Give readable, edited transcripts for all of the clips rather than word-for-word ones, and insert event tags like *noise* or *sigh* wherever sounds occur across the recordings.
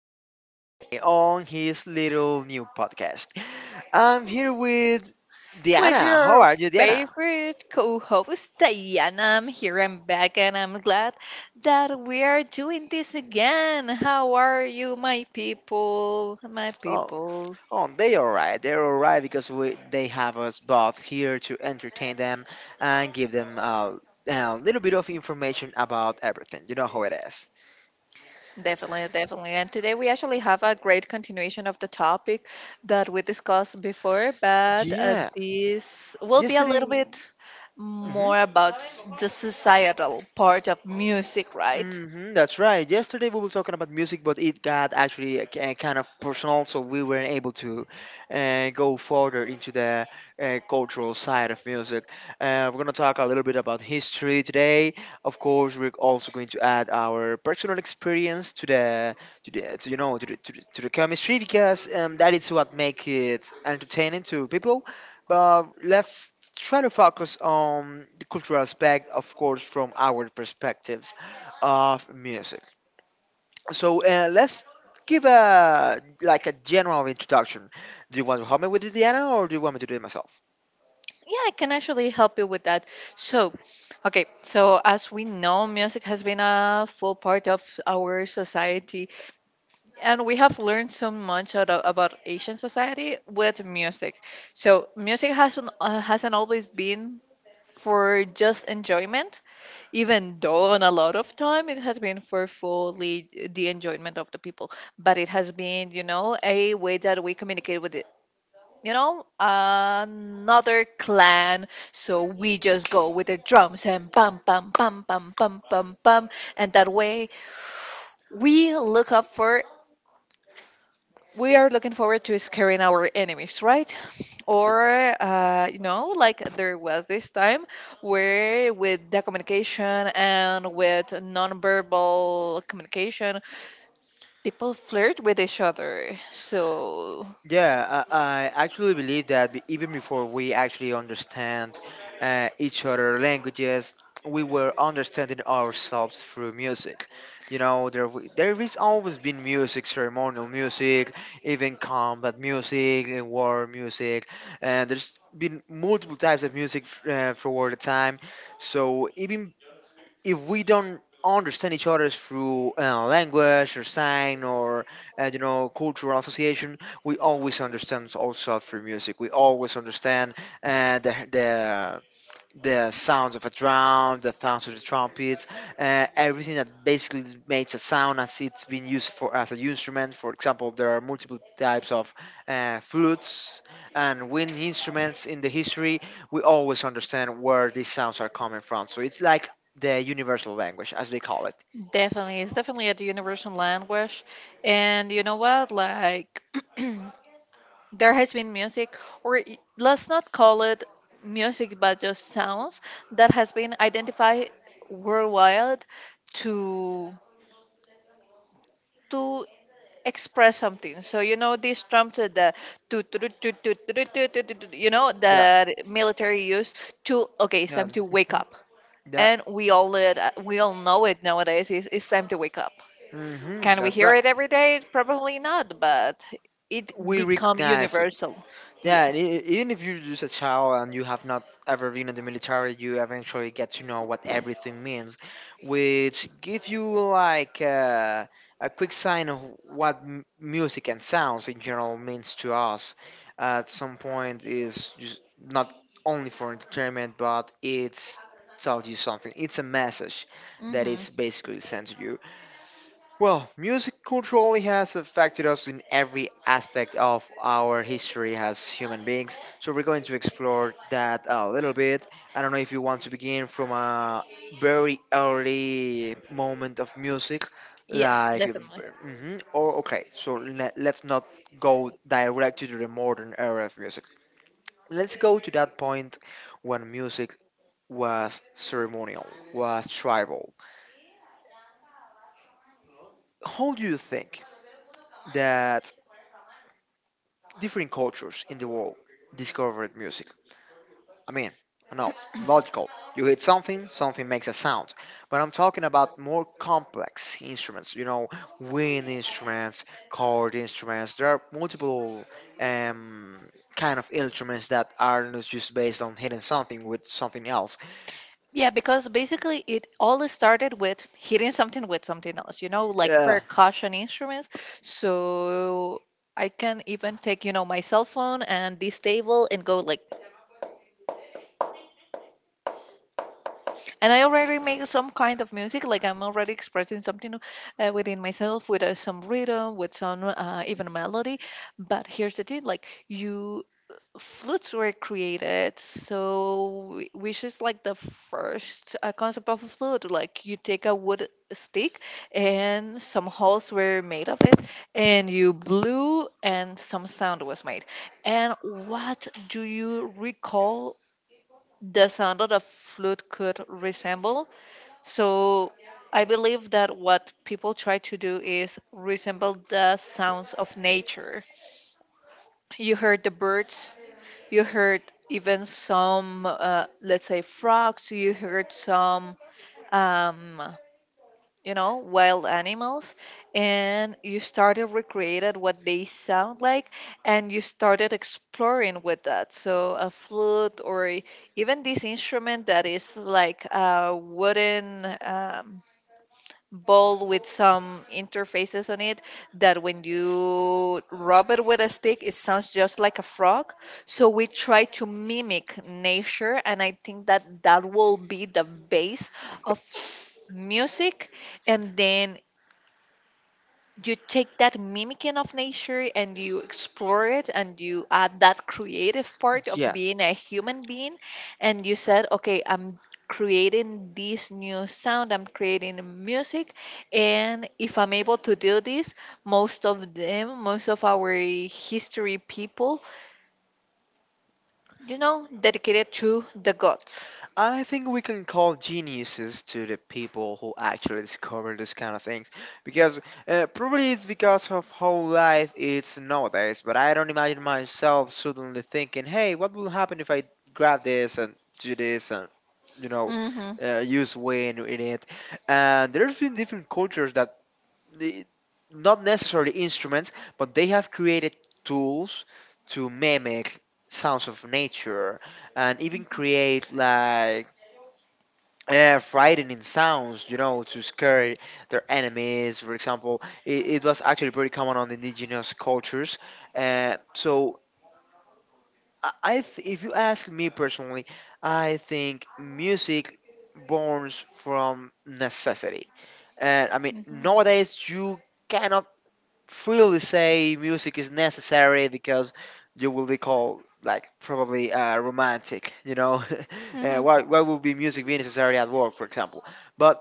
old Lenny on his little new podcast. I'm here with With Diana. How your are you, Diana? favorite co host, Diana, I'm here and back, and I'm glad that we are doing this again. How are you, my people? My Oh, people. oh, they all right. They're all right because they have us both here to entertain them and give them a little bit of information about everything. You know how it is. Definitely, definitely. And today we actually have a great continuation of the topic that we discussed before, but Yeah, this will be a little yesterday. bit Mhm. more about the societal part of music, right? Hmm, that's right. Yesterday we were talking about music, but it got actually kind of personal, so we weren't able to go further into the cultural side of music. We're gonna talk a little bit about history today. Of course, we're also going to add our personal experience to the to the to, you know to the, to the, to the chemistry because that is what makes it entertaining to people. But let's try to focus on the cultural aspect, of course, from our perspectives of music. So let's give a general introduction. Do you want to help me with the piano, or do you want me to do it myself? Yeah, I can actually help you with that. So, okay, so as we know, music has been a full part of our society, and we have learned so much about Asian society with music. So, music hasn't always been for just enjoyment, even though on a lot of time it has been for fully the enjoyment of the people. But it has been, you know, a way that we communicate with, you know, another clan. So we just go with the drums and bam, bam, bam, bam, bam, bam, bam. And that way we look up for, we are looking forward to scaring our enemies, right? Or, you know, like there was this time where with the communication and with nonverbal communication, people flirt with each other. So Yeah, I actually believe that even before we actually understand each other languages, we were understanding ourselves through music. You know, there is always been music, ceremonial music, even combat music, war music, and there's been multiple types of music for all the time. So even if we don't understand each other through language or sign or you know cultural association we always understand also through music we always understand the the sounds of a drum, the sounds of the trumpets, everything that basically makes a sound as it's been used for as an instrument. For example, there are multiple types of flutes and wind instruments in the history. We always understand where these sounds are coming from, so it's like the universal language, as they call it. definitely, it's definitely a universal language. And you know what? Like, *clears throat* there has been music, let's not call it music, but just sounds that has been identified worldwide to to express something. So you know these drums that the tu- tu- tu- tu- tu- tu- tu- tu- tu- tu- tu- you know Yeah, that military use to, okay, it's yeah, time to wake mhm, up, that, and we all know it nowadays. It's time to wake up. hmm, Can we that's hear right. it every day? Probably not, but it We become recognize. universal. Yeah, Yeah. and even if you're just a child and you have not ever been in the military, you eventually get to know what everything means, which give you like a quick sign of what music and sounds in general means to us. At some point, is just not only for entertainment, but it's tells you something. It's a message that hmm it's basically sent to you. Well, music culturally has affected us in every aspect of our history as human beings. So we're going to explore that a little bit. I don't know if you want to begin from a very early moment of music, Yes, like, definitely. hmm or okay. So let's not go direct to the modern era of music. Let's go to that point when music was ceremonial, was tribal. How do you think that different cultures in the world discovered music? I mean, I know, logical. You hit something, something makes a sound. But I'm talking about more complex instruments, you know, wind instruments, chord instruments. There are multiple um, kind of instruments that are not just based on hitting something with something else. Yeah, because basically it all started with hitting something with something else, you know, like Yeah, percussion instruments. So I can even take, you know, my cell phone and this table and go like, and I already make some kind of music. Like I'm already expressing something within myself with some rhythm, with some, even melody. But here's the thing, like you, flutes were created, so which is like the first concept of a flute. Like you take a wood stick and some holes were made of it and you blew and some sound was made, and what do you recall the sound that a flute could resemble? So I believe that what people try to do is resemble the sounds of nature. You heard the birds, you heard even some, let's say, frogs. You heard some, um, you know, wild animals, and you started recreated what they sound like, and you started exploring with that. So a flute, or even this instrument that is like a wooden, bowl with some interfaces on it that when you rub it with a stick, it sounds just like a frog. So we try to mimic nature, and I think that that will be the base of music. And then you take that mimicking of nature and you explore it and you add that creative part of yeah. being a human being, and you said, okay, I'm creating this new sound, I'm creating music. And if I'm able to do this, most of them, most of our history, people, you know, dedicated to the gods. I think we can call geniuses to the people who actually discover this kind of things because probably it's because of how life is nowadays. But I don't imagine myself suddenly thinking, hey, what will happen if I grab this and do this and, you know, Hmm use wind in it? And there's been different cultures that, they- not necessarily instruments, but they have created tools to mimic sounds of nature and even create like frightening sounds, you know, to scare their enemies. For example, it was actually pretty common on the indigenous cultures. Uh, so, if you ask me personally, I think music borns from necessity. And I mean, hmm nowadays you cannot freely say music is necessary because you will be called like probably romantic. You know, *laughs* hmm why would be music be necessary at work, for example? But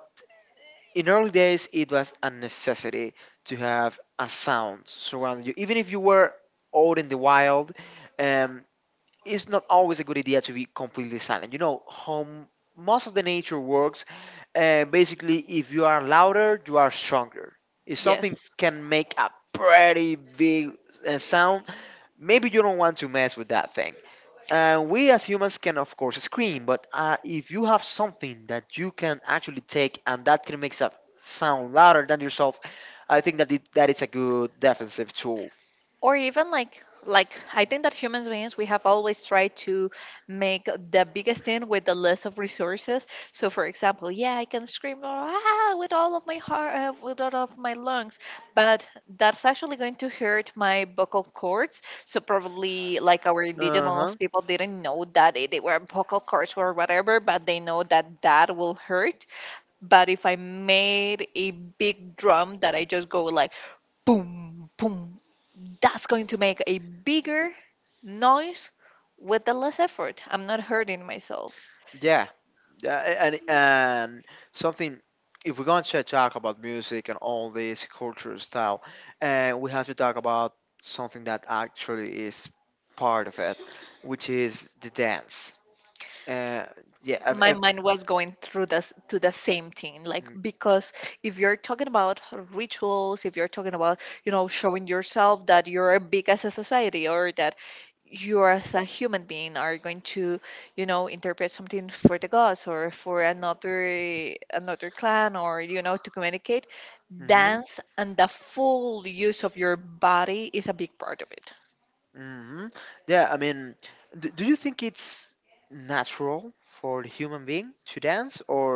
in early days, it was a necessity to have a sound surrounding you. Even if you were out in the wild, um, it's not always a good idea to be completely silent. You know, home, most of the nature works. Basically, if you are louder, you are stronger. If something yes, can make a pretty big sound, maybe you don't want to mess with that thing. We as humans can, of course, scream, but if you have something that you can actually take and that can make it sound louder than yourself, I think that it's a good defensive tool. or even like I think that humans beings we have always tried to make the biggest thing with the less of resources. So for example, yeah, I can scream, ah, with all of my heart, with all of my lungs, but that's actually going to hurt my vocal cords. So probably like our Uh huh. indigenous people didn't know that they were vocal cords or whatever, but they know that that will hurt. But if I made a big drum that I just go like, boom boom, that's going to make a bigger noise with the less effort. I'm not hurting myself. Yeah. And something. If we're going to talk about music and all this cultural style, we have to talk about something that actually is part of it, which is the dance. Uh, yeah. I've, I My have mind was going through this to the same thing, like, I because if you're talking about rituals, if you're talking about, you know, showing yourself that you're big as a society, or that you as a human being are going to, you know, interpret something for the gods or for another another clan, or, you know, to communicate, Mm dance and the full use of your body is a big part of it. hmm. Yeah, I mean, d do you think it's natural for the human being to dance, or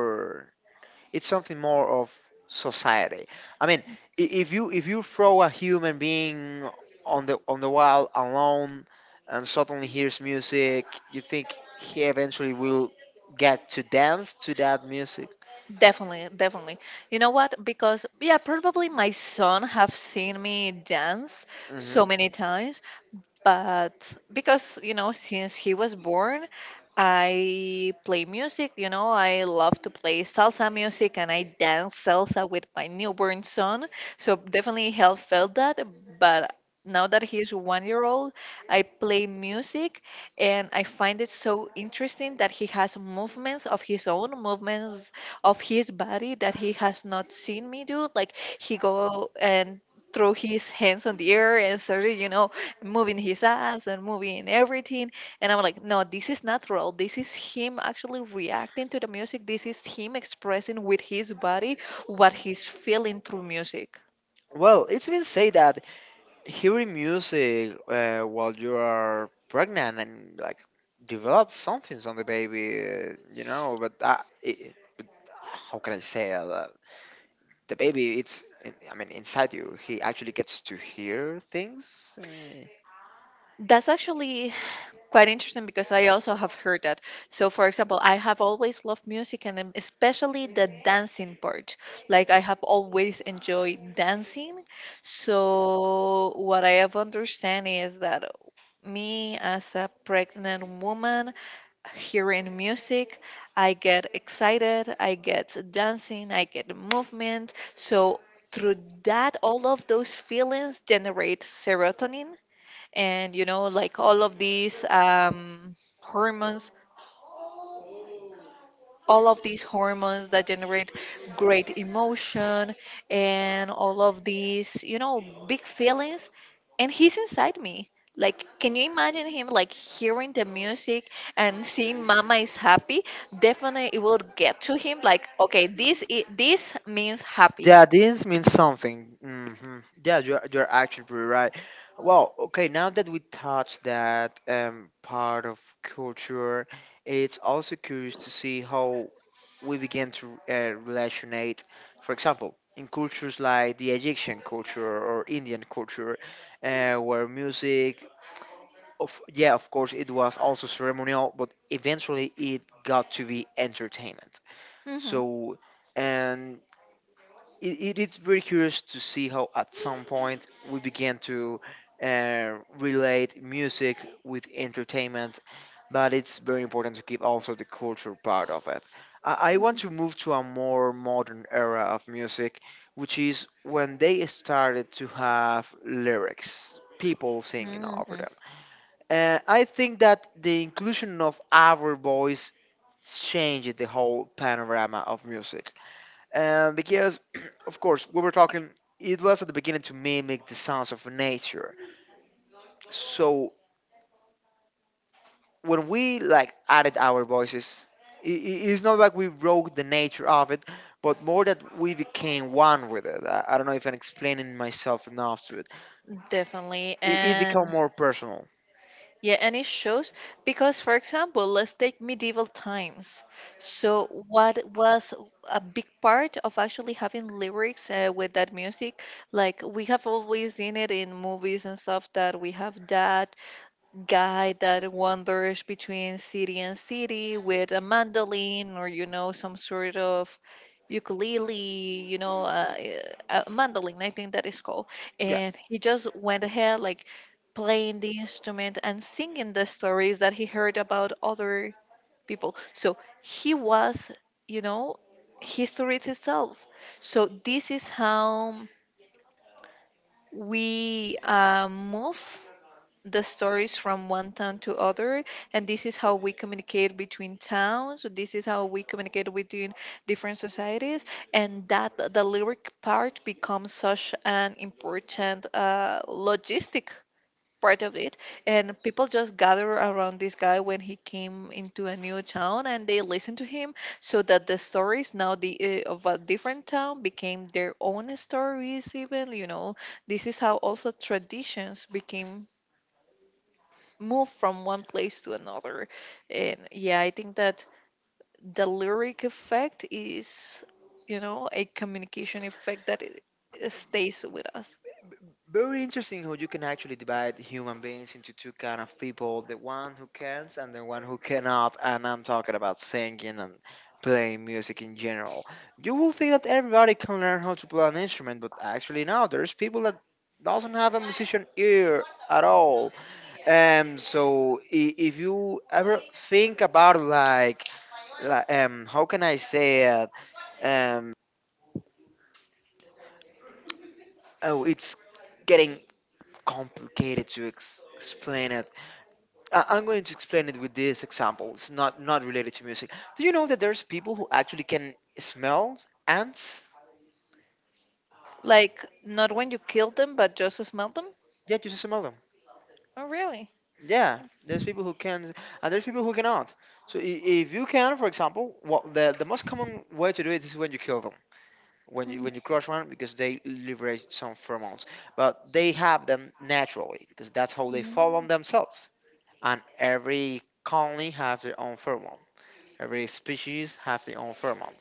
it's something more of society? I mean, if you throw a human being on the wall alone and suddenly hears music, you think he eventually will get to dance to that music? Definitely, definitely. You know what? Because yeah, probably my son have seen me dance so Hmm. many times, but because you know since he was born I play music. You know, I love to play salsa music and I dance salsa with my newborn son, so definitely he felt that. But now that he is 1 year old, I play music, and I find it so interesting that he has movements of his own, movements of his body that he has not seen me do. Like he go and throw his hands on the air and started, you know, moving his ass and moving everything. And I'm like, no, this is natural. This is him actually reacting to the music. This is him expressing with his body what he's feeling through music. Well, it's been said that hearing music while you are pregnant and like develop something on the baby, you know. But how can I say that? The baby, I mean inside you. He actually gets to hear things. Uh, That's actually quite interesting because I also have heard that. So, for example, I have always loved music and especially the dancing part. Like, I have always enjoyed dancing. So, what I have understand is that me as a pregnant woman hearing music, I get excited, I get dancing, I get movement. So through that, all of those feelings generate serotonin, and you know like all of these hormones, all of these hormones that generate great emotion and all of these, you know, big feelings. And he's inside me. Like, can you imagine him like hearing the music and seeing Mama is happy? Definitely, it will get to him. Like, okay, this means happy. yeah, this means something. Hmm, yeah, you're actually pretty right. Well, okay, now that we touched that part of culture, it's also curious to see how we begin to relationate. For example, in cultures like the Egyptian culture or Indian culture, where music, of yeah, of course, it was also ceremonial, but eventually it got to be entertainment. Hmm So. And it's very curious to see how at some point we began to relate music with entertainment but it's very important to keep also the culture part of it I want to move to a more modern era of music which is when they started to have lyrics people singing hmm over them. I think that the inclusion of our voice changed the whole panorama of music and because, *clears throat* of course, we were talking, it was at the beginning to mimic the sounds of nature. So when we like added our voices, it's not like we broke the nature of it, but more that we became one with it. I don't know if I'm explaining myself enough to it. Definitely, It became and more personal. yeah, and it shows because, for example, let's take medieval times. So, what was a big part of actually having lyrics with that music? Like, we have always seen it in movies and stuff that we have that guy that wanders between city and city with a mandolin, or you know, some sort of ukulele, you know, a mandolin I think that is called, Yeah. and he just went ahead like playing the instrument and singing the stories that he heard about other people. So he was, you know, history itself. So this is how we, move the stories from one town to other, and this is how we communicate between towns, this is how we communicate between different societies. And that the lyric part becomes such an important logistic part of it, and people just gather around this guy when he came into a new town and they listen to him, so that the stories now, the of a different town became their own stories even, you know. This is how also traditions became move from one place to another. And yeah, I think that the lyric effect is, you know, a communication effect that it stays with us. Very interesting how you can actually divide human beings into two kind of people, the one who can and the one who cannot, and I'm talking about singing and playing music in general. You will think that everybody can learn how to play an instrument, but actually no, there's people that doesn't have a musician ear at all. If you ever think about how can I say it? Um oh it's getting complicated to explain it. I'm going to explain it with this example. It's not related to music. Do you know that there's people who actually can smell ants? Like, not when you kill them, but just smell them. Yeah, just smell them. Oh, really? Yeah, there's people who can, and there's people who cannot. So if you can, for example, what the most common way to do it is when you kill them. Mhm. When you crush one because they liberate some pheromones, but they have them naturally because that's how they fall on Mm, themselves. And every colony has their own pheromone. Every species have their own pheromone,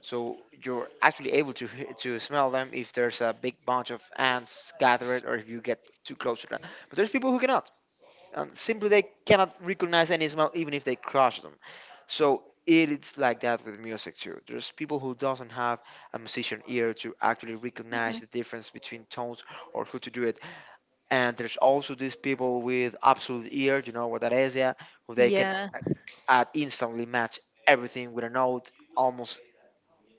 so you're actually able to to smell them if there's a big bunch of ants gathered or if you get too close to them. But there's people who cannot, and simply they cannot recognize any smell even if they crush them. So it is like that with music too. There's people who doesn't have a musician ear to actually mhm. recognize the difference between tones or who to do it, and there's also these people with absolute ear. You know what that is? Yeah, who they can Yeah, instantly match everything with a note almost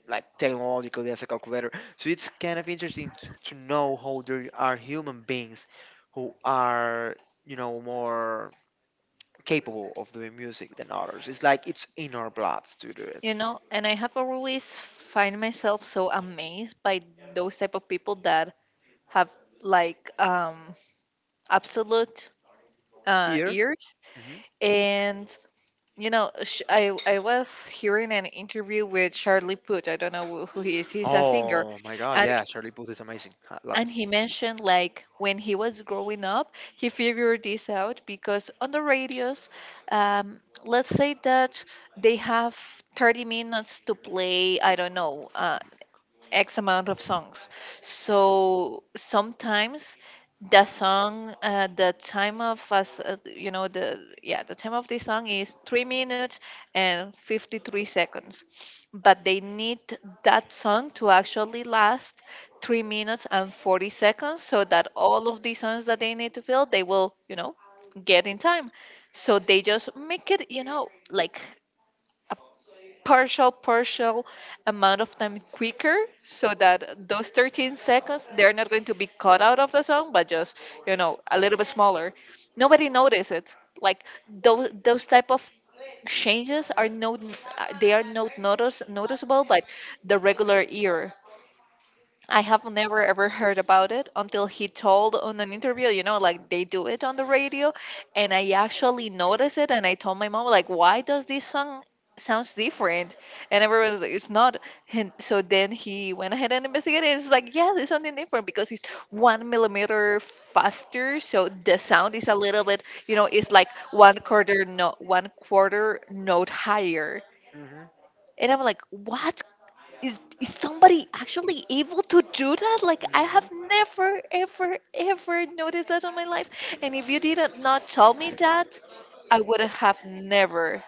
like technologically as a calculator. So it's kind of interesting to know how there are human beings who are you know more capable of doing music than others. It's like it's in our blood to do it. you know, and I have always find myself so amazed by those type of people that have like absolute Ear. ears. Hmm. And you know, I was hearing an interview with Charlie Puth. I don't know who he is. He's a singer, Oh my god, and yeah, Charlie Puth is amazing, I love and it. he mentioned like when he was growing up, he figured this out because on the radios, um, let's say that they have 30 minutes to play, I don't know, X amount of songs. So sometimes the song, the time of us, you know, the yeah, the time of the song is 3 minutes and 53 seconds, but they need that song to actually last 3 minutes and 40 seconds, so that all of the songs that they need to fill, they will, you know, get in time. So they just make it, you know, like partial amount of time quicker, so that those 13 seconds they're not going to be cut out of the song, but just, you know, a little bit smaller. Nobody notices it. Like those type of changes are no, they are not noticeable by the regular ear. I have never ever heard about it until he told on an interview, you know, like they do it on the radio. And I actually noticed it and I told my mom, like, why does this song sounds different? And everyone was like, it's not. And so then he went ahead and investigated. And it's like, yeah, there's something different because it's one millimeter faster. So the sound is a little bit, you know, it's like one quarter note higher. And I'm like, what? Is somebody actually able to do that? Like I have Hmm. never, ever, ever noticed that in my life. And if you did not tell me that, I would have never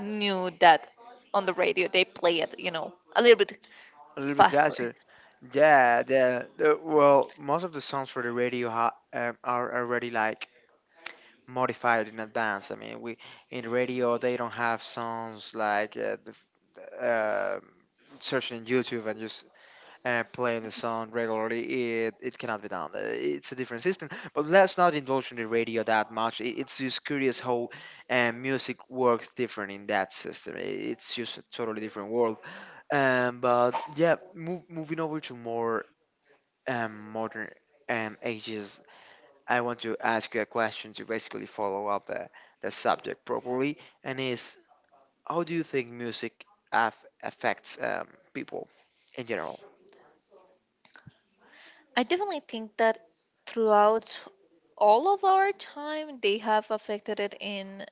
knew that on the radio they play it, a little bit A little bit faster. faster. Yeah, the well, most of the songs for the radio ha are already like modified in advance. I mean, we in radio they don't have songs like f- uh, searching in YouTube and just playing the song regularly. It cannot be done. It's a different system. But let's not indulge in the radio that much. It's just curious how music works different in that system. It's just a totally different world, but yeah, moving over to more modern ages, I want to ask you a question to basically follow up the subject properly, and is how do you think music affects people in general? I definitely think that throughout all of our time they have affected it in,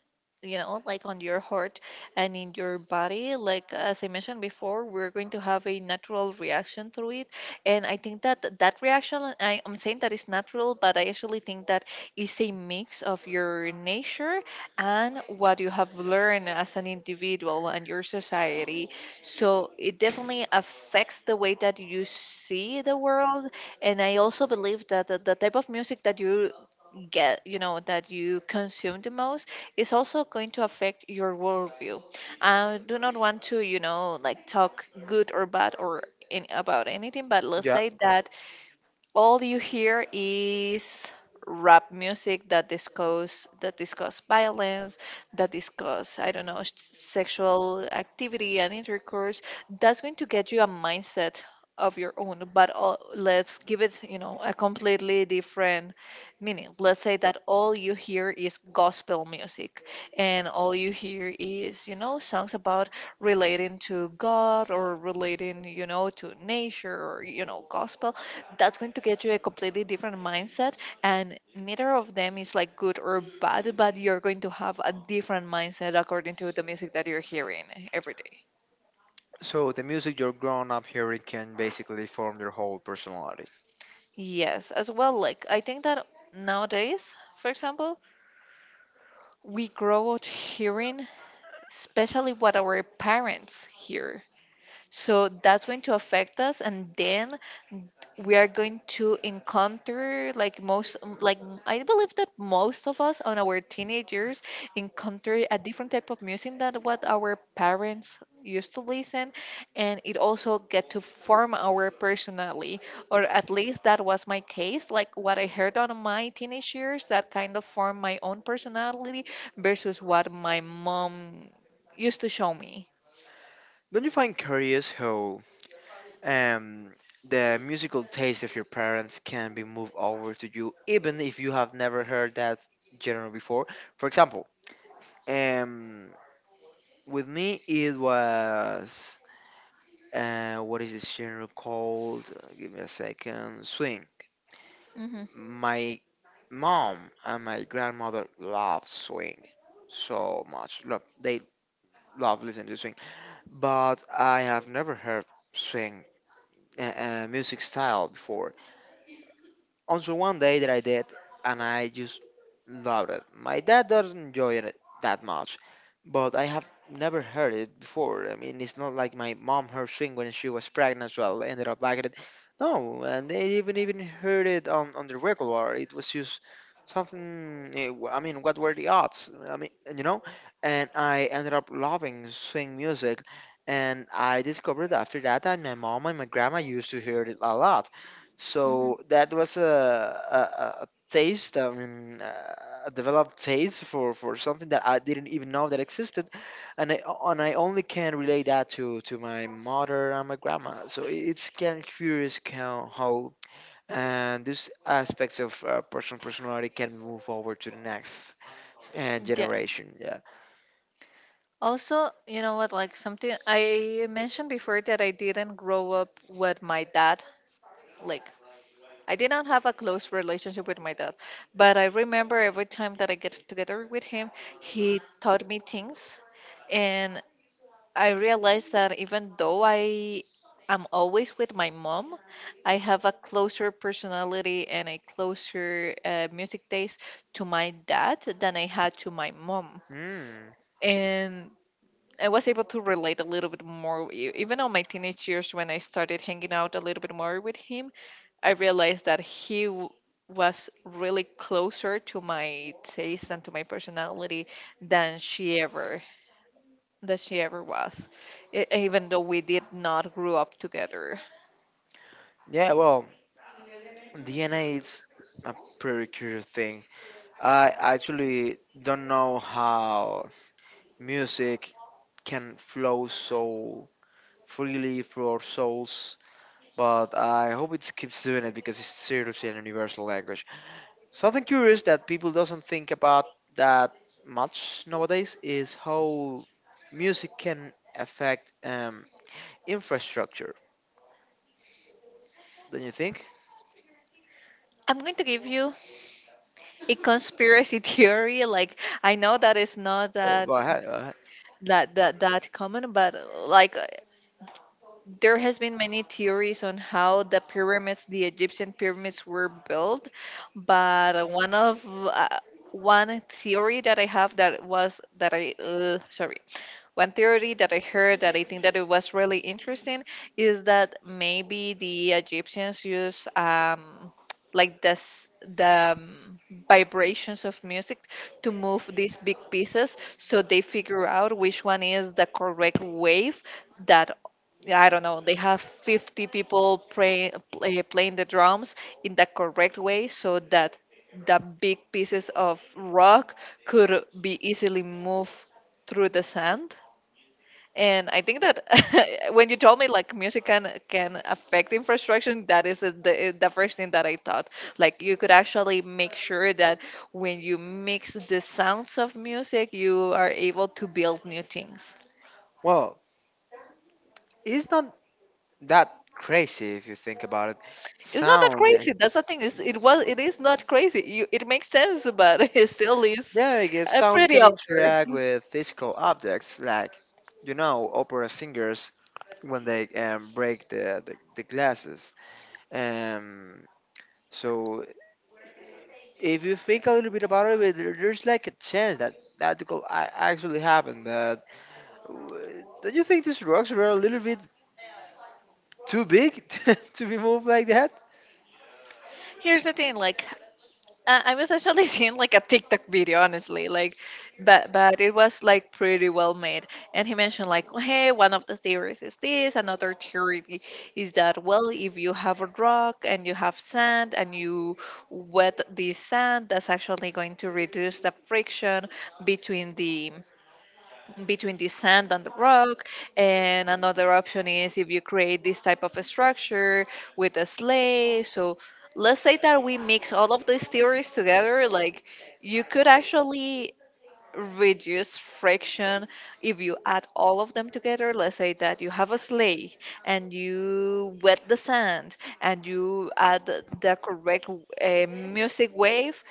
like on your heart and in your body, like as I mentioned before, we're going to have a natural reaction to it. And I think that that reaction, I'm saying that is natural, but I actually think that it's a mix of your nature and what you have learned as an individual and your society. So it definitely affects the way that you see the world. And I also believe that the type of music that you get, that you consume the most, is also going to affect your worldview. I do not want to, like, talk good or bad or about anything, but let's Yeah, say that all you hear is rap music that discuss violence, that discuss, I don't know, sexual activity and intercourse. That's going to get you a mindset of your own. But let's give it, a completely different meaning. Let's say that all you hear is gospel music, and all you hear is, songs about relating to God, or relating, to nature, or, gospel. That's going to get you a completely different mindset. And neither of them is like good or bad, but you're going to have a different mindset according to the music that you're hearing every day. so the music you're growing up hearing can basically form your whole personality. Yes, as well. Like, I think that nowadays, for example, we grow up hearing especially what our parents hear. So that's going to affect us, and then we are going to encounter, like, most like, I believe that most of us, on our teenagers, encounter a different type of music than what our parents used to listen, and it also get to form our personality, or at least that was my case. Like, what I heard on my teenage years, that kind of formed my own personality versus what my mom used to show me. Don't you find curious how Um, the musical taste of your parents can be moved over to you, even if you have never heard that genre before. For example, um, with me it was, what is this genre called? Give me a second. Swing. Mm-hmm. My mom and my grandmother love swing so much. Love they love listening to swing, but I have never heard swing music style before on so one day that I did, and I just loved it. My dad doesn't enjoy it that much, but I have never heard it before. I mean, it's not like my mom heard swing when she was pregnant as well, ended up liking it. No, and they even heard it on the regular. It was just something. I mean, what were the odds? I mean, you know, and I ended up loving swing music. And I discovered after that that my mom and my grandma used to hear it a lot, Mm-hmm. so that was a taste, I mean, a developed taste for something that I didn't even know that existed, and I and I only can relate that to my mother and my grandma. So it's kind of curious how these aspects of personality can move forward to the next generation. Yeah. Also, you know what, like something I mentioned before, that I didn't grow up with my dad. Like, I did not have a close relationship with my dad, but I remember every time that I get together with him, he taught me things. And I realized that even though I am always with my mom, I have a closer personality and a closer music taste to my dad than I had to my mom. Mm. And I was able to relate a little bit more, even on my teenage years when I started hanging out a little bit more with him. I realized that was really closer to my taste and to my personality than she ever that she ever was, even though we did not grow up together. Yeah. Well, DNA is a pretty curious thing. I actually don't know how music can flow so freely through our souls, but I hope it keeps doing it because it's seriously an universal language. Something curious that people doesn't think about that much nowadays is how music can affect infrastructure. Don't you think? I'm going to give you a conspiracy *laughs* theory. Like, I know that it's not Oh, go ahead. Go ahead. That common, but like, there has been many theories on how the Egyptian pyramids were built. But one of, one theory that I have that was that I sorry one theory that I heard that I think that it was really interesting, is that maybe the Egyptians use, like this, the, vibrations of music to move these big pieces. So they figure out which one is the correct wave that, I don't know. They have 50 people playing the drums in the correct way, so that the big pieces of rock could be easily moved through the sand. And I think that *laughs* when you told me, like, music can affect infrastructure, that is the first thing that I thought. Like, you could actually make sure that when you mix the sounds of music, you are able to build new things. Well, it's not that crazy if you think about it. It's not that Sound. crazy. That's the thing. Is not crazy. You, it makes sense, but *laughs* it still is Yeah, I guess sound pretty can out interact there. with physical objects, like, you know, opera singers when they break the glasses. Um, so if you think a little bit about it, there's like a chance that that could actually happen. But uh, don't you think these rocks were a little bit too big *laughs* to be moved like that? Here's the thing. Like, I was actually *laughs* seeing like a TikTok video, honestly, like, but it was like pretty well made. And he mentioned, like, hey, one of the theories is this, another theory is that, well, if you have a rock and you have sand and you wet the sand, that's actually going to reduce the friction between the sand and the rock. And another option is if you create this type of a structure with a sleigh. So let's say that we mix all of these theories together. Like, you could actually reduce friction if you add all of them together. Let's say that you have a sleigh, and you wet the sand, and you add the correct music wave.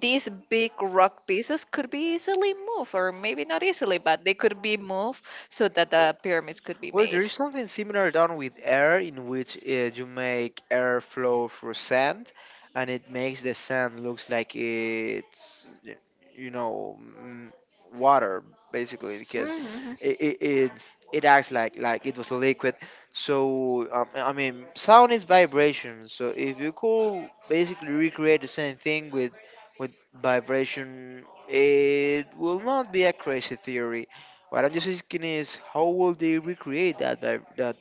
These big rock pieces could be easily moved, or maybe not easily, but they could be moved, so that the pyramids could be Well, there made. is something similar done with air, in which you make air flow through sand, and it makes the sand looks like you know mm, water basically because Hmm. it it, it it acts like it was liquid. So I mean, sound is vibration. So if you could basically recreate the same thing with vibration, it will not be a crazy theory. What I'm just asking is, how will they recreate that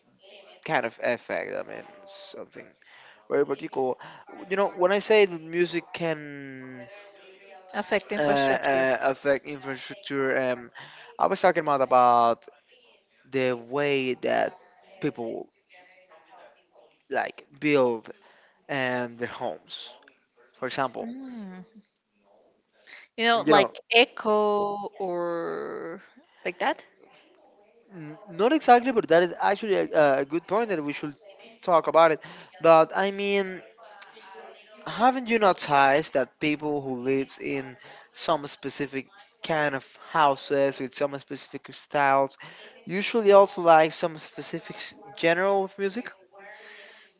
kind of effect? I mean, something very particular. You know, when I say that music can Affect uh, infrastructure. Affect infrastructure, I was talking about the way that people like build their homes. For example, Mm. You know, you like know, echo or like that? Not exactly, but that is actually a good point that we should talk about it. But I mean, haven't you noticed that people who lives in some specific kind of houses with some specific styles usually also like some specific genre of music?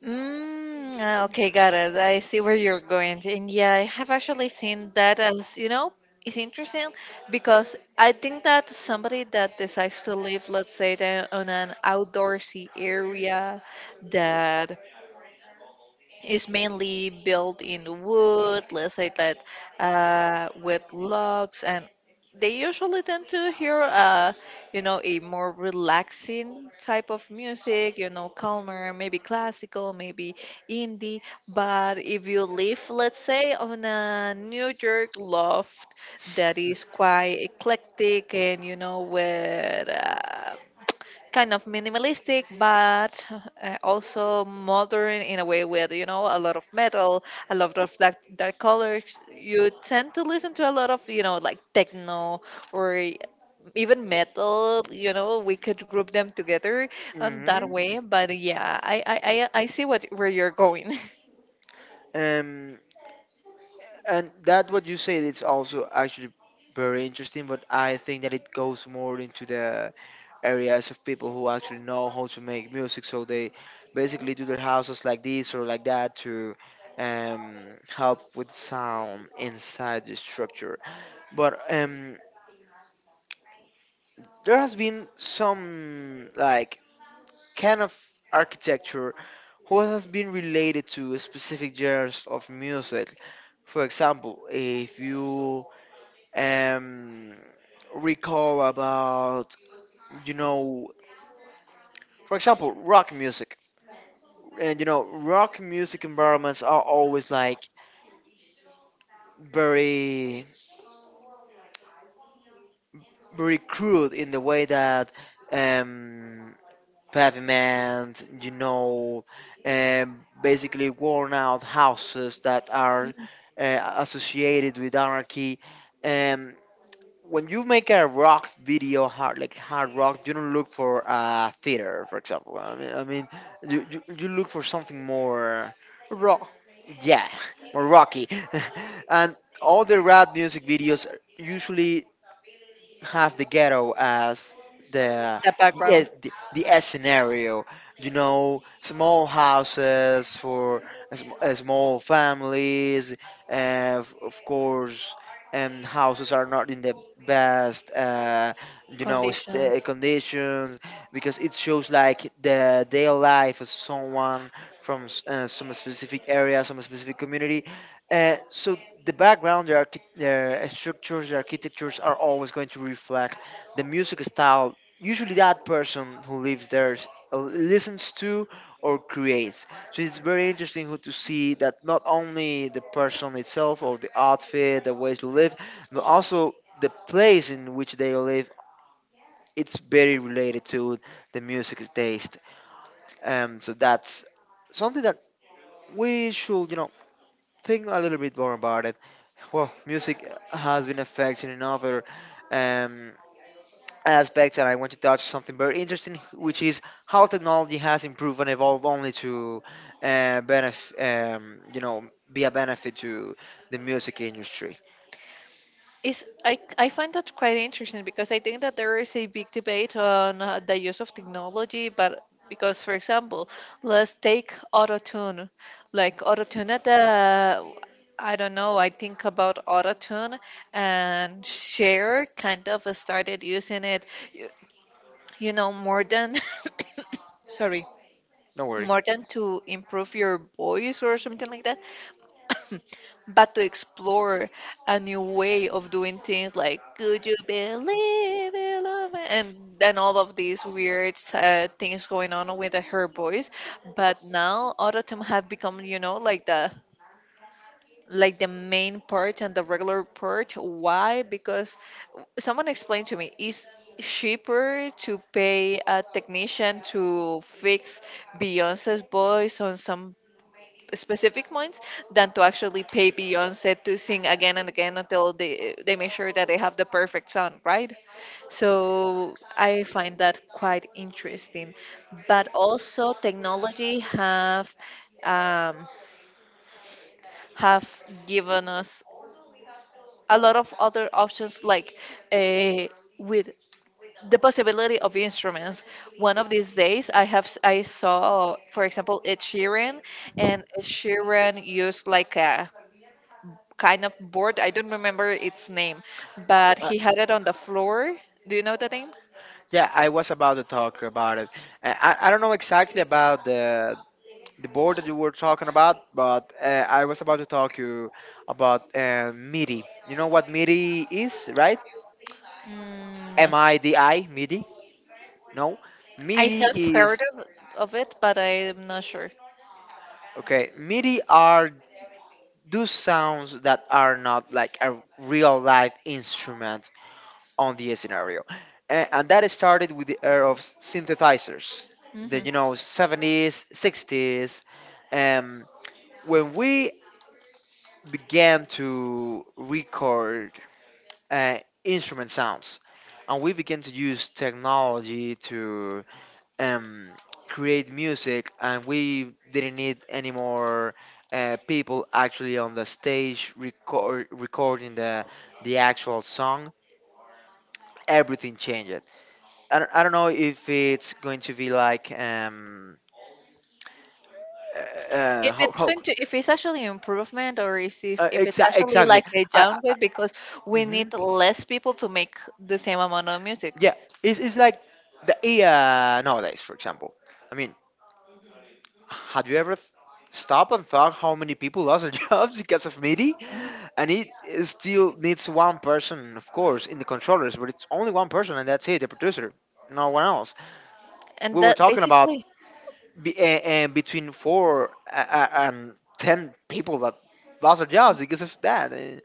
Mm, ah, okay, got it. I see where you're going. And yeah, I have actually seen that as, you know, it's interesting because I think that somebody that decides to live, let's say, on an outdoorsy area that is mainly built in wood, let's say that, with logs, and they usually tend to hear, you know, a more relaxing type of music, you know, calmer, maybe classical, maybe indie. But if you live, let's say, on a New York loft that is quite eclectic and, you know, with. Kind of minimalistic but also modern in a way, with, you know, a lot of metal, a lot of that dark colors, you tend to listen to a lot of, you know, like techno, or even metal, you know, we could group them together, that Hmm. way. But yeah, I see what where you're going. Um, and that what you said it's also actually very interesting, but I think that it goes more into the areas of people who actually know how to make music, so they basically do their houses like this or like that to help with sound inside the structure. But there has been some like kind of architecture who has been related to specific genres of music. For example, if you um, recall about, you know, for example, rock music, and you know, rock music environments are always like very very crude in the way that um, pavement, you know, basically worn out houses that are associated with anarchy. Um, when you make a rock video, hard rock, you don't look for a theater, for example. I mean you look for something more, *laughs* Raw. yeah, *laughs* more rocky. *laughs* And all the rap music videos usually have the ghetto as the The background. The S scenario. You know, small houses for a small families. Of course, houses are not in the best, you know, Conditions. Conditions because it shows like the daily life of someone from some specific area, some specific community, so the background, the structures, the architectures are always going to reflect the music style. Usually, that person who lives there listens to or creates. So it's very interesting to see that not only the person itself or the outfit, the ways to live, but also the place in which they live. It's very related to the music taste. So that's something that we should, you know, think a little bit more about it. Well, music has been affected in other um, aspects, and I want to touch something very interesting, which is how technology has improved and evolved only to uh, benefit, um, you know, be a benefit to the music industry. Is I find that quite interesting, because I think that there is a big debate on, the use of technology, but because, for example, let's take Auto Tune. Like Auto Tune, at the, I don't know, I think about Auto Tune and Cher kind of started using it, you, you know, more than, *coughs* sorry, Don't worry. more than to improve your voice or something like that, *coughs* but to explore a new way of doing things, like, could you believe it love it?" and then all of these weird things going on with her voice. But now Auto-Tune have become, you know, like the, like the main part and the regular part. Why? Because someone explained to me, it's cheaper to pay a technician to fix Beyonce's voice on some specific points than to actually pay Beyonce to sing again and again until they make sure that they have the perfect sound, right? So I find that quite interesting. But also technology have, um, have given us a lot of other options, like, uh, with the possibility of instruments. One of these days, I saw, for example, Ed Sheeran, and Ed Sheeran used like a kind of board. I don't remember its name, but Uh, he had it on the floor. Do you know the name? yeah, I was about to talk about it. I don't know exactly about the board that you were talking about, but I was about to talk to you about MIDI. You know what MIDI is, right? Mm, MIDI, MIDI? No, I MIDI have heard is of it, but I am not sure. okay. MIDI are those sounds that are not like a real live instrument on the scenario, and that started with the era of synthesizers, the, you Mm-hmm. know, 70s, 60s, um, when we began to record uh, instrument sounds, and we began to use technology to um, create music, and we didn't need any more people actually on the stage, recording the actual song. Everything changed. I don't know if it's going to be like If it's how going to if it's actually improvement, or is if, if it's actually exactly. like a I, downgrade, because we hmm need less people to make the same amount of music. Yeah, it's like the AI nowadays, for example. I mean, have you ever stopped and thought how many people lost their *laughs* jobs because of MIDI? Mhm. And it still needs one person, of course, in the controllers, but it's only one person, and that's it, the producer, no one else. And We were that talking about basically. Between four and ten people that lost their jobs because of that. Eh.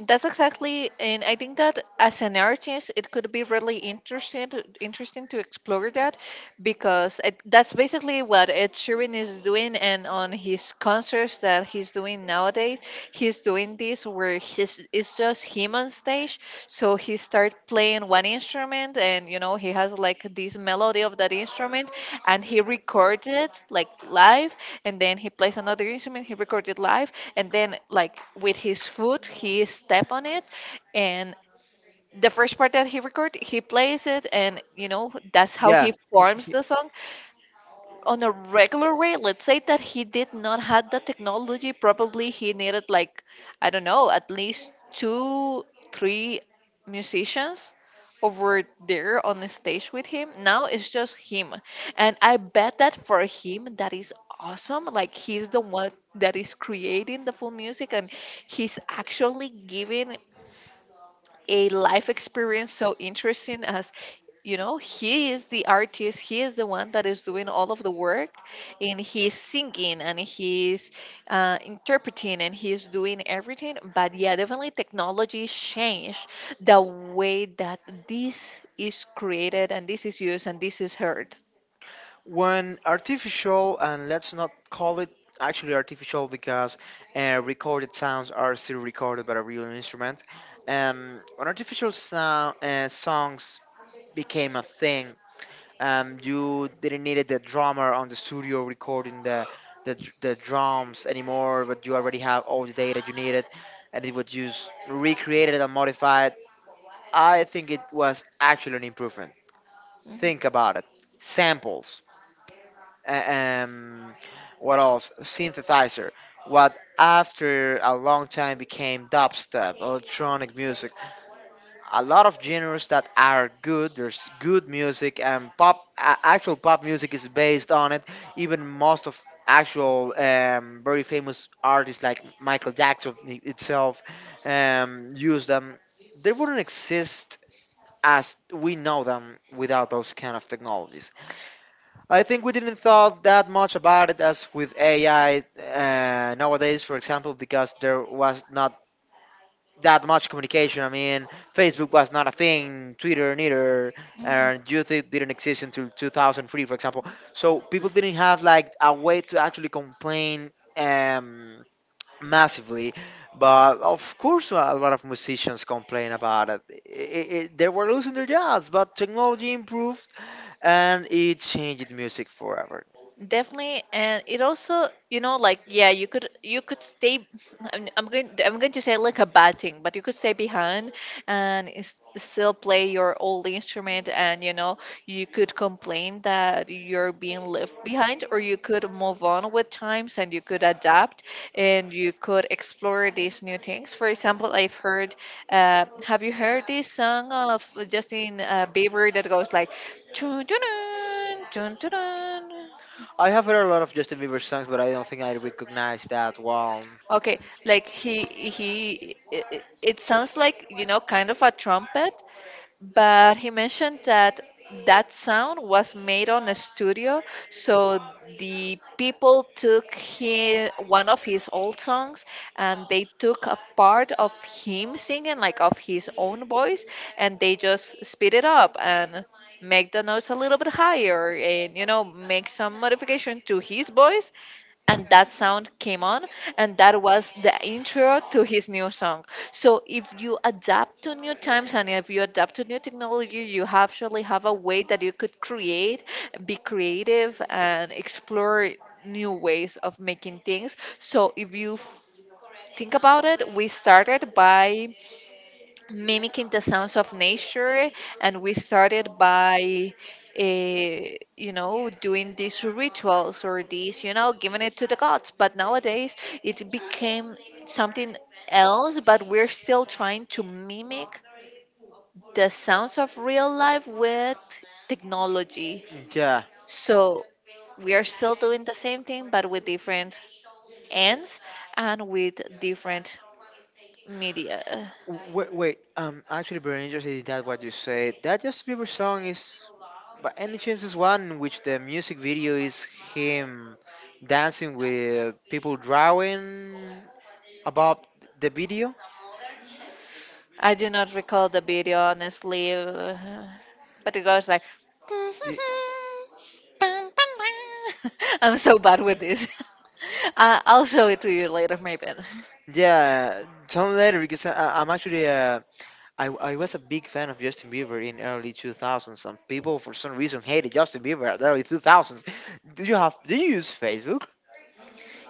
That's exactly, and I think that as an artist, it could be really interesting to, interesting to explore that, because it, that's basically what Ed Sheeran is doing, and on his concerts that he's doing nowadays, he's doing this where he's it's just him on stage. So he start playing one instrument, and you know he has like this melody of that instrument, and he recorded like live. And then he plays another instrument he recorded live, and then like with his foot he step on it. And the first part that he record he plays it, and you know that's how Yeah, he forms the song on a regular way. Let's say that he did not have the technology, probably he needed like, I don't know, at least two three musicians over there on the stage with him. Now it's just him, and I bet that for him that is awesome. Like he's the one that is creating the full music, and he's actually giving a life experience so interesting. As you know, he is the artist, he is the one that is doing all of the work, and he's singing, and he's interpreting, and he's doing everything. But yeah, definitely technology changed the way that this is created, and this is used, and this is heard. when artificial, and let's not call it actually artificial because recorded sounds are still recorded by a real instrument. When artificial sound songs became a thing, you didn't need the drummer on the studio recording the drums anymore, but you already have all the data you needed, and it was just recreated and modified. I think it was actually an improvement. Think Mhm. about it. Samples. A- Um, what else? Synthesizer. What after a long time became dubstep, electronic music, a lot of genres that are good. There's good music and pop. Actual pop music is based on it. Even most of actual very famous artists like Michael Jackson itself use them. They wouldn't exist as we know them without those kind of technologies. I think we didn't thought that much about it as with AI nowadays, for example, because there was not that much communication. I mean, Facebook was not a thing, Twitter neither, and YouTube didn't exist until 2003, for example. So people didn't have like a way to actually complain um, massively. But of course, a lot of musicians complain about it. They were losing their jobs, but technology improved and it changed music forever. Definitely. And it also, you know, like yeah, you could stay. I'm going to say like a bad thing, but you could stay behind and still play your old instrument. And you know, you could complain that you're being left behind, or you could move on with times and you could adapt, and you could explore these new things. For example, I've heard, have you heard this song of Justin Bieber that goes like "Dun, dun, dun, dun, dun, dun." I have heard a lot of Justin Bieber songs, but I don't think I recognize that one. Okay, like he it, it it sounds like, you know, kind of a trumpet, but he mentioned that that sound was made on a studio. So the people took he one of his old songs, and they took a part of him singing, like of his own voice, and they just speed it up and make the notes a little bit higher, and you know, make some modification to his voice, and that sound came on, and that was the intro to his new song. So if you adapt to new times and if you adapt to new technology, you actually have a way that you could create, be creative, and explore new ways of making things. So if you think about it, we started by mimicking the sounds of nature, and we started by, you know, doing these rituals or these, you know, giving it to the gods. But nowadays it became something else, but we're still trying to mimic the sounds of real life with technology. Yeah. So we are still doing the same thing but with different ends and with different media. Wait, wait. Actually, very interested in that what you said. That Justin Bieber song is, by any chance, is one in which the music video is him dancing with people drawing about the video. I do not recall the video honestly, but it goes like. Y- *laughs* I'm so bad with this. *laughs* I'll show it to you later, maybe. Yeah, tell me later because I- I'm actually I was a big fan of Justin Bieber in early 2000s. Some people for some reason hated Justin Bieber at the early 2000s. *laughs* Do you have? Do you use Facebook?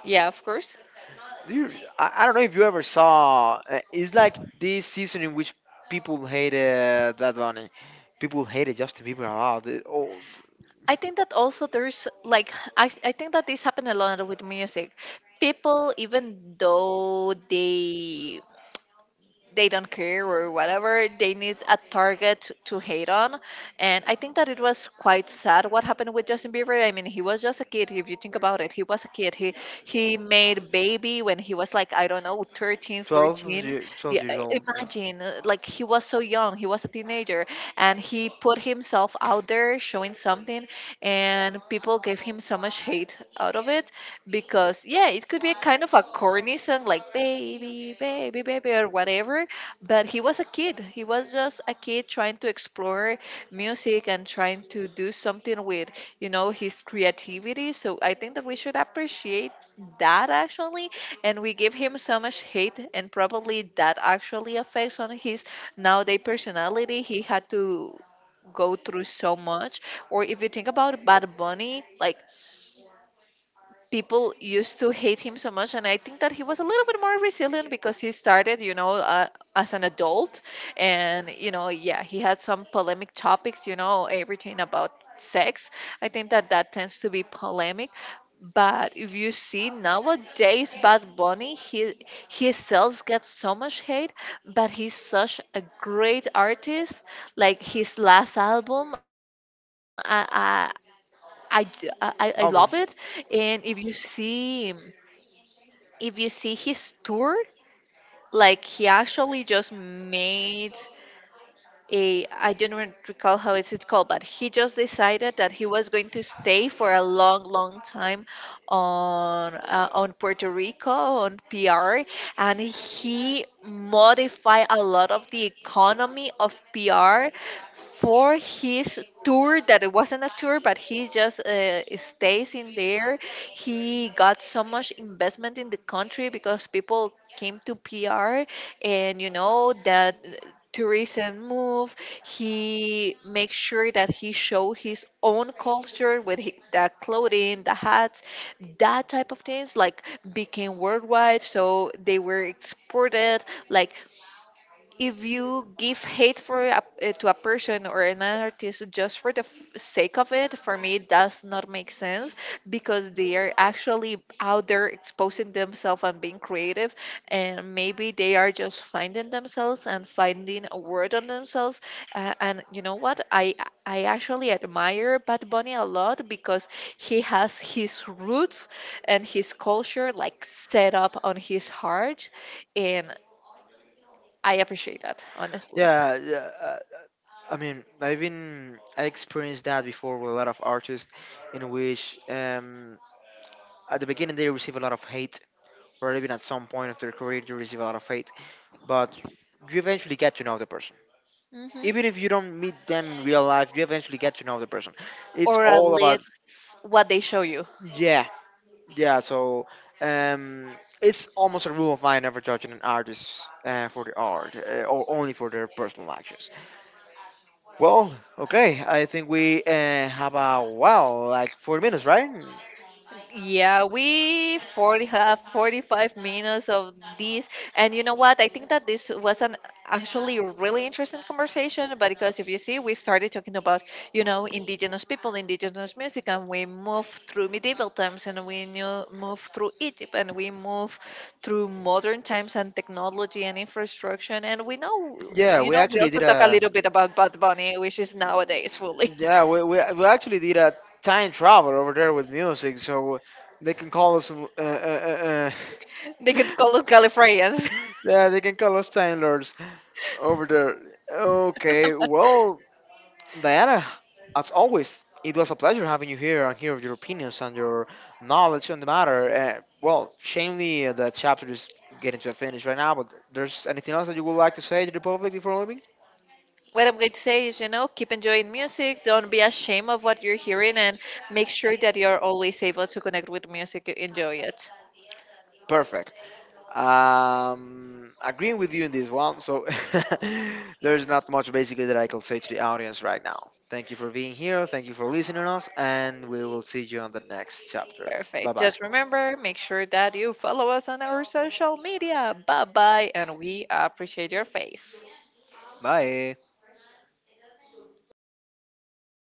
Yeah, of course. Do you? I don't know if you ever saw. It's like this season in which people hated Bad Bunny. People hated Justin Bieber a lot. The old I think that also there's like I think that this happened a lot with music. People, even though they don't care or whatever. They need a target to hate on. And I think that it was quite sad what happened with Justin Bieber. I mean, he was just a kid. If you think about it, he was a kid. He made Baby when he was like, I don't know, 13, 12, 14. year, 12 Yeah, years old imagine, like he was so young. He was a teenager, and he put himself out there showing something, and people gave him so much hate out of it. Because yeah, it could be a kind of a corny song like baby baby baby or whatever, but he was a kid. He was just a kid trying to explore music and trying to do something with, you know, his creativity. So I think that we should appreciate that actually, and we give him so much hate, and probably that actually affects on his nowadays personality. He had to go through so much. Or if you think about Bad Bunny, like people used to hate him so much, and I think that he was a little bit more resilient because he started, you know, as an adult. And you know, yeah, he had some polemic topics, you know, everything about sex. I think that that tends to be polemic. But if you see nowadays Bad Bunny, he his still get so much hate, but he's such a great artist. Like his last album, album. i I love it. And if you see, if you see his tour, like he actually just made a, I don't recall how is it called, but he just decided that he was going to stay for a long, long time on, on Puerto Rico, on PR, and he modified a lot of the economy of PR for his tour that it wasn't a tour, but he just stays in there. He got so much investment in the country because people came to PR, and you know, that to recent move. He makes sure that he show his own culture with the clothing, the hats, that type of things like became worldwide. So they were exported. Like if you give hate for a, eh, to a person or an artist just for the sake of it, for me it does not make sense, because they are actually out there exposing themselves and being creative, and maybe they are just finding themselves and finding a word on themselves. And you know what, I actually admire Bad Bunny a lot because he has his roots and his culture like set up on his heart. And I appreciate that, honestly. Yeah, yeah. I mean, I experienced that before with a lot of artists, in which at the beginning they receive a lot of hate, or even at some point of their career they receive a lot of hate. But you eventually get to know the person. Hmm. Even if you don't meet them in real life, you eventually get to know the person. It's Or at all about. least what they show you. Yeah, yeah. So um, it's almost a rule of mine never judging an artist for the art, or only for their personal actions. Well, okay, I think we have a wow, like 40 minutes, right? Yeah, we 40 have 45 minutes of this. And you know what? I think that this was an actually really interesting conversation. But because if you see, we started talking about, you know, indigenous people, indigenous music, and we move through medieval times, and we knew, move through Egypt, and we move through modern times and technology and infrastructure. And we know, Yeah, you we know, we actually also did talk a a little bit about Bad Bunny, which is nowadays fully. yeah, we actually did a time travel over there with music, so they can call us They could call us Gallifreyans. *laughs* *laughs* yeah, they can call us time lords over there. Okay, well, Diana, as always, it was a pleasure having you here and hear of your opinions and your knowledge on the matter. Well, shamefully, the chapter is getting to a finish right now, but there's anything else that you would like to say to the public before leaving? What I'm going to say is, you know, keep enjoying music. Don't be ashamed of what you're hearing, and make sure that you're always able to connect with music. You enjoy it. Perfect. Agreeing with you in this one, so *laughs* there's not much basically that I can say to the audience right now. Thank you for being here, thank you for listening to us, and we will see you on the next chapter. Bye Perfect. bye. Just remember, make sure that you follow us on our social media. Bye bye, and we appreciate your face. Bye.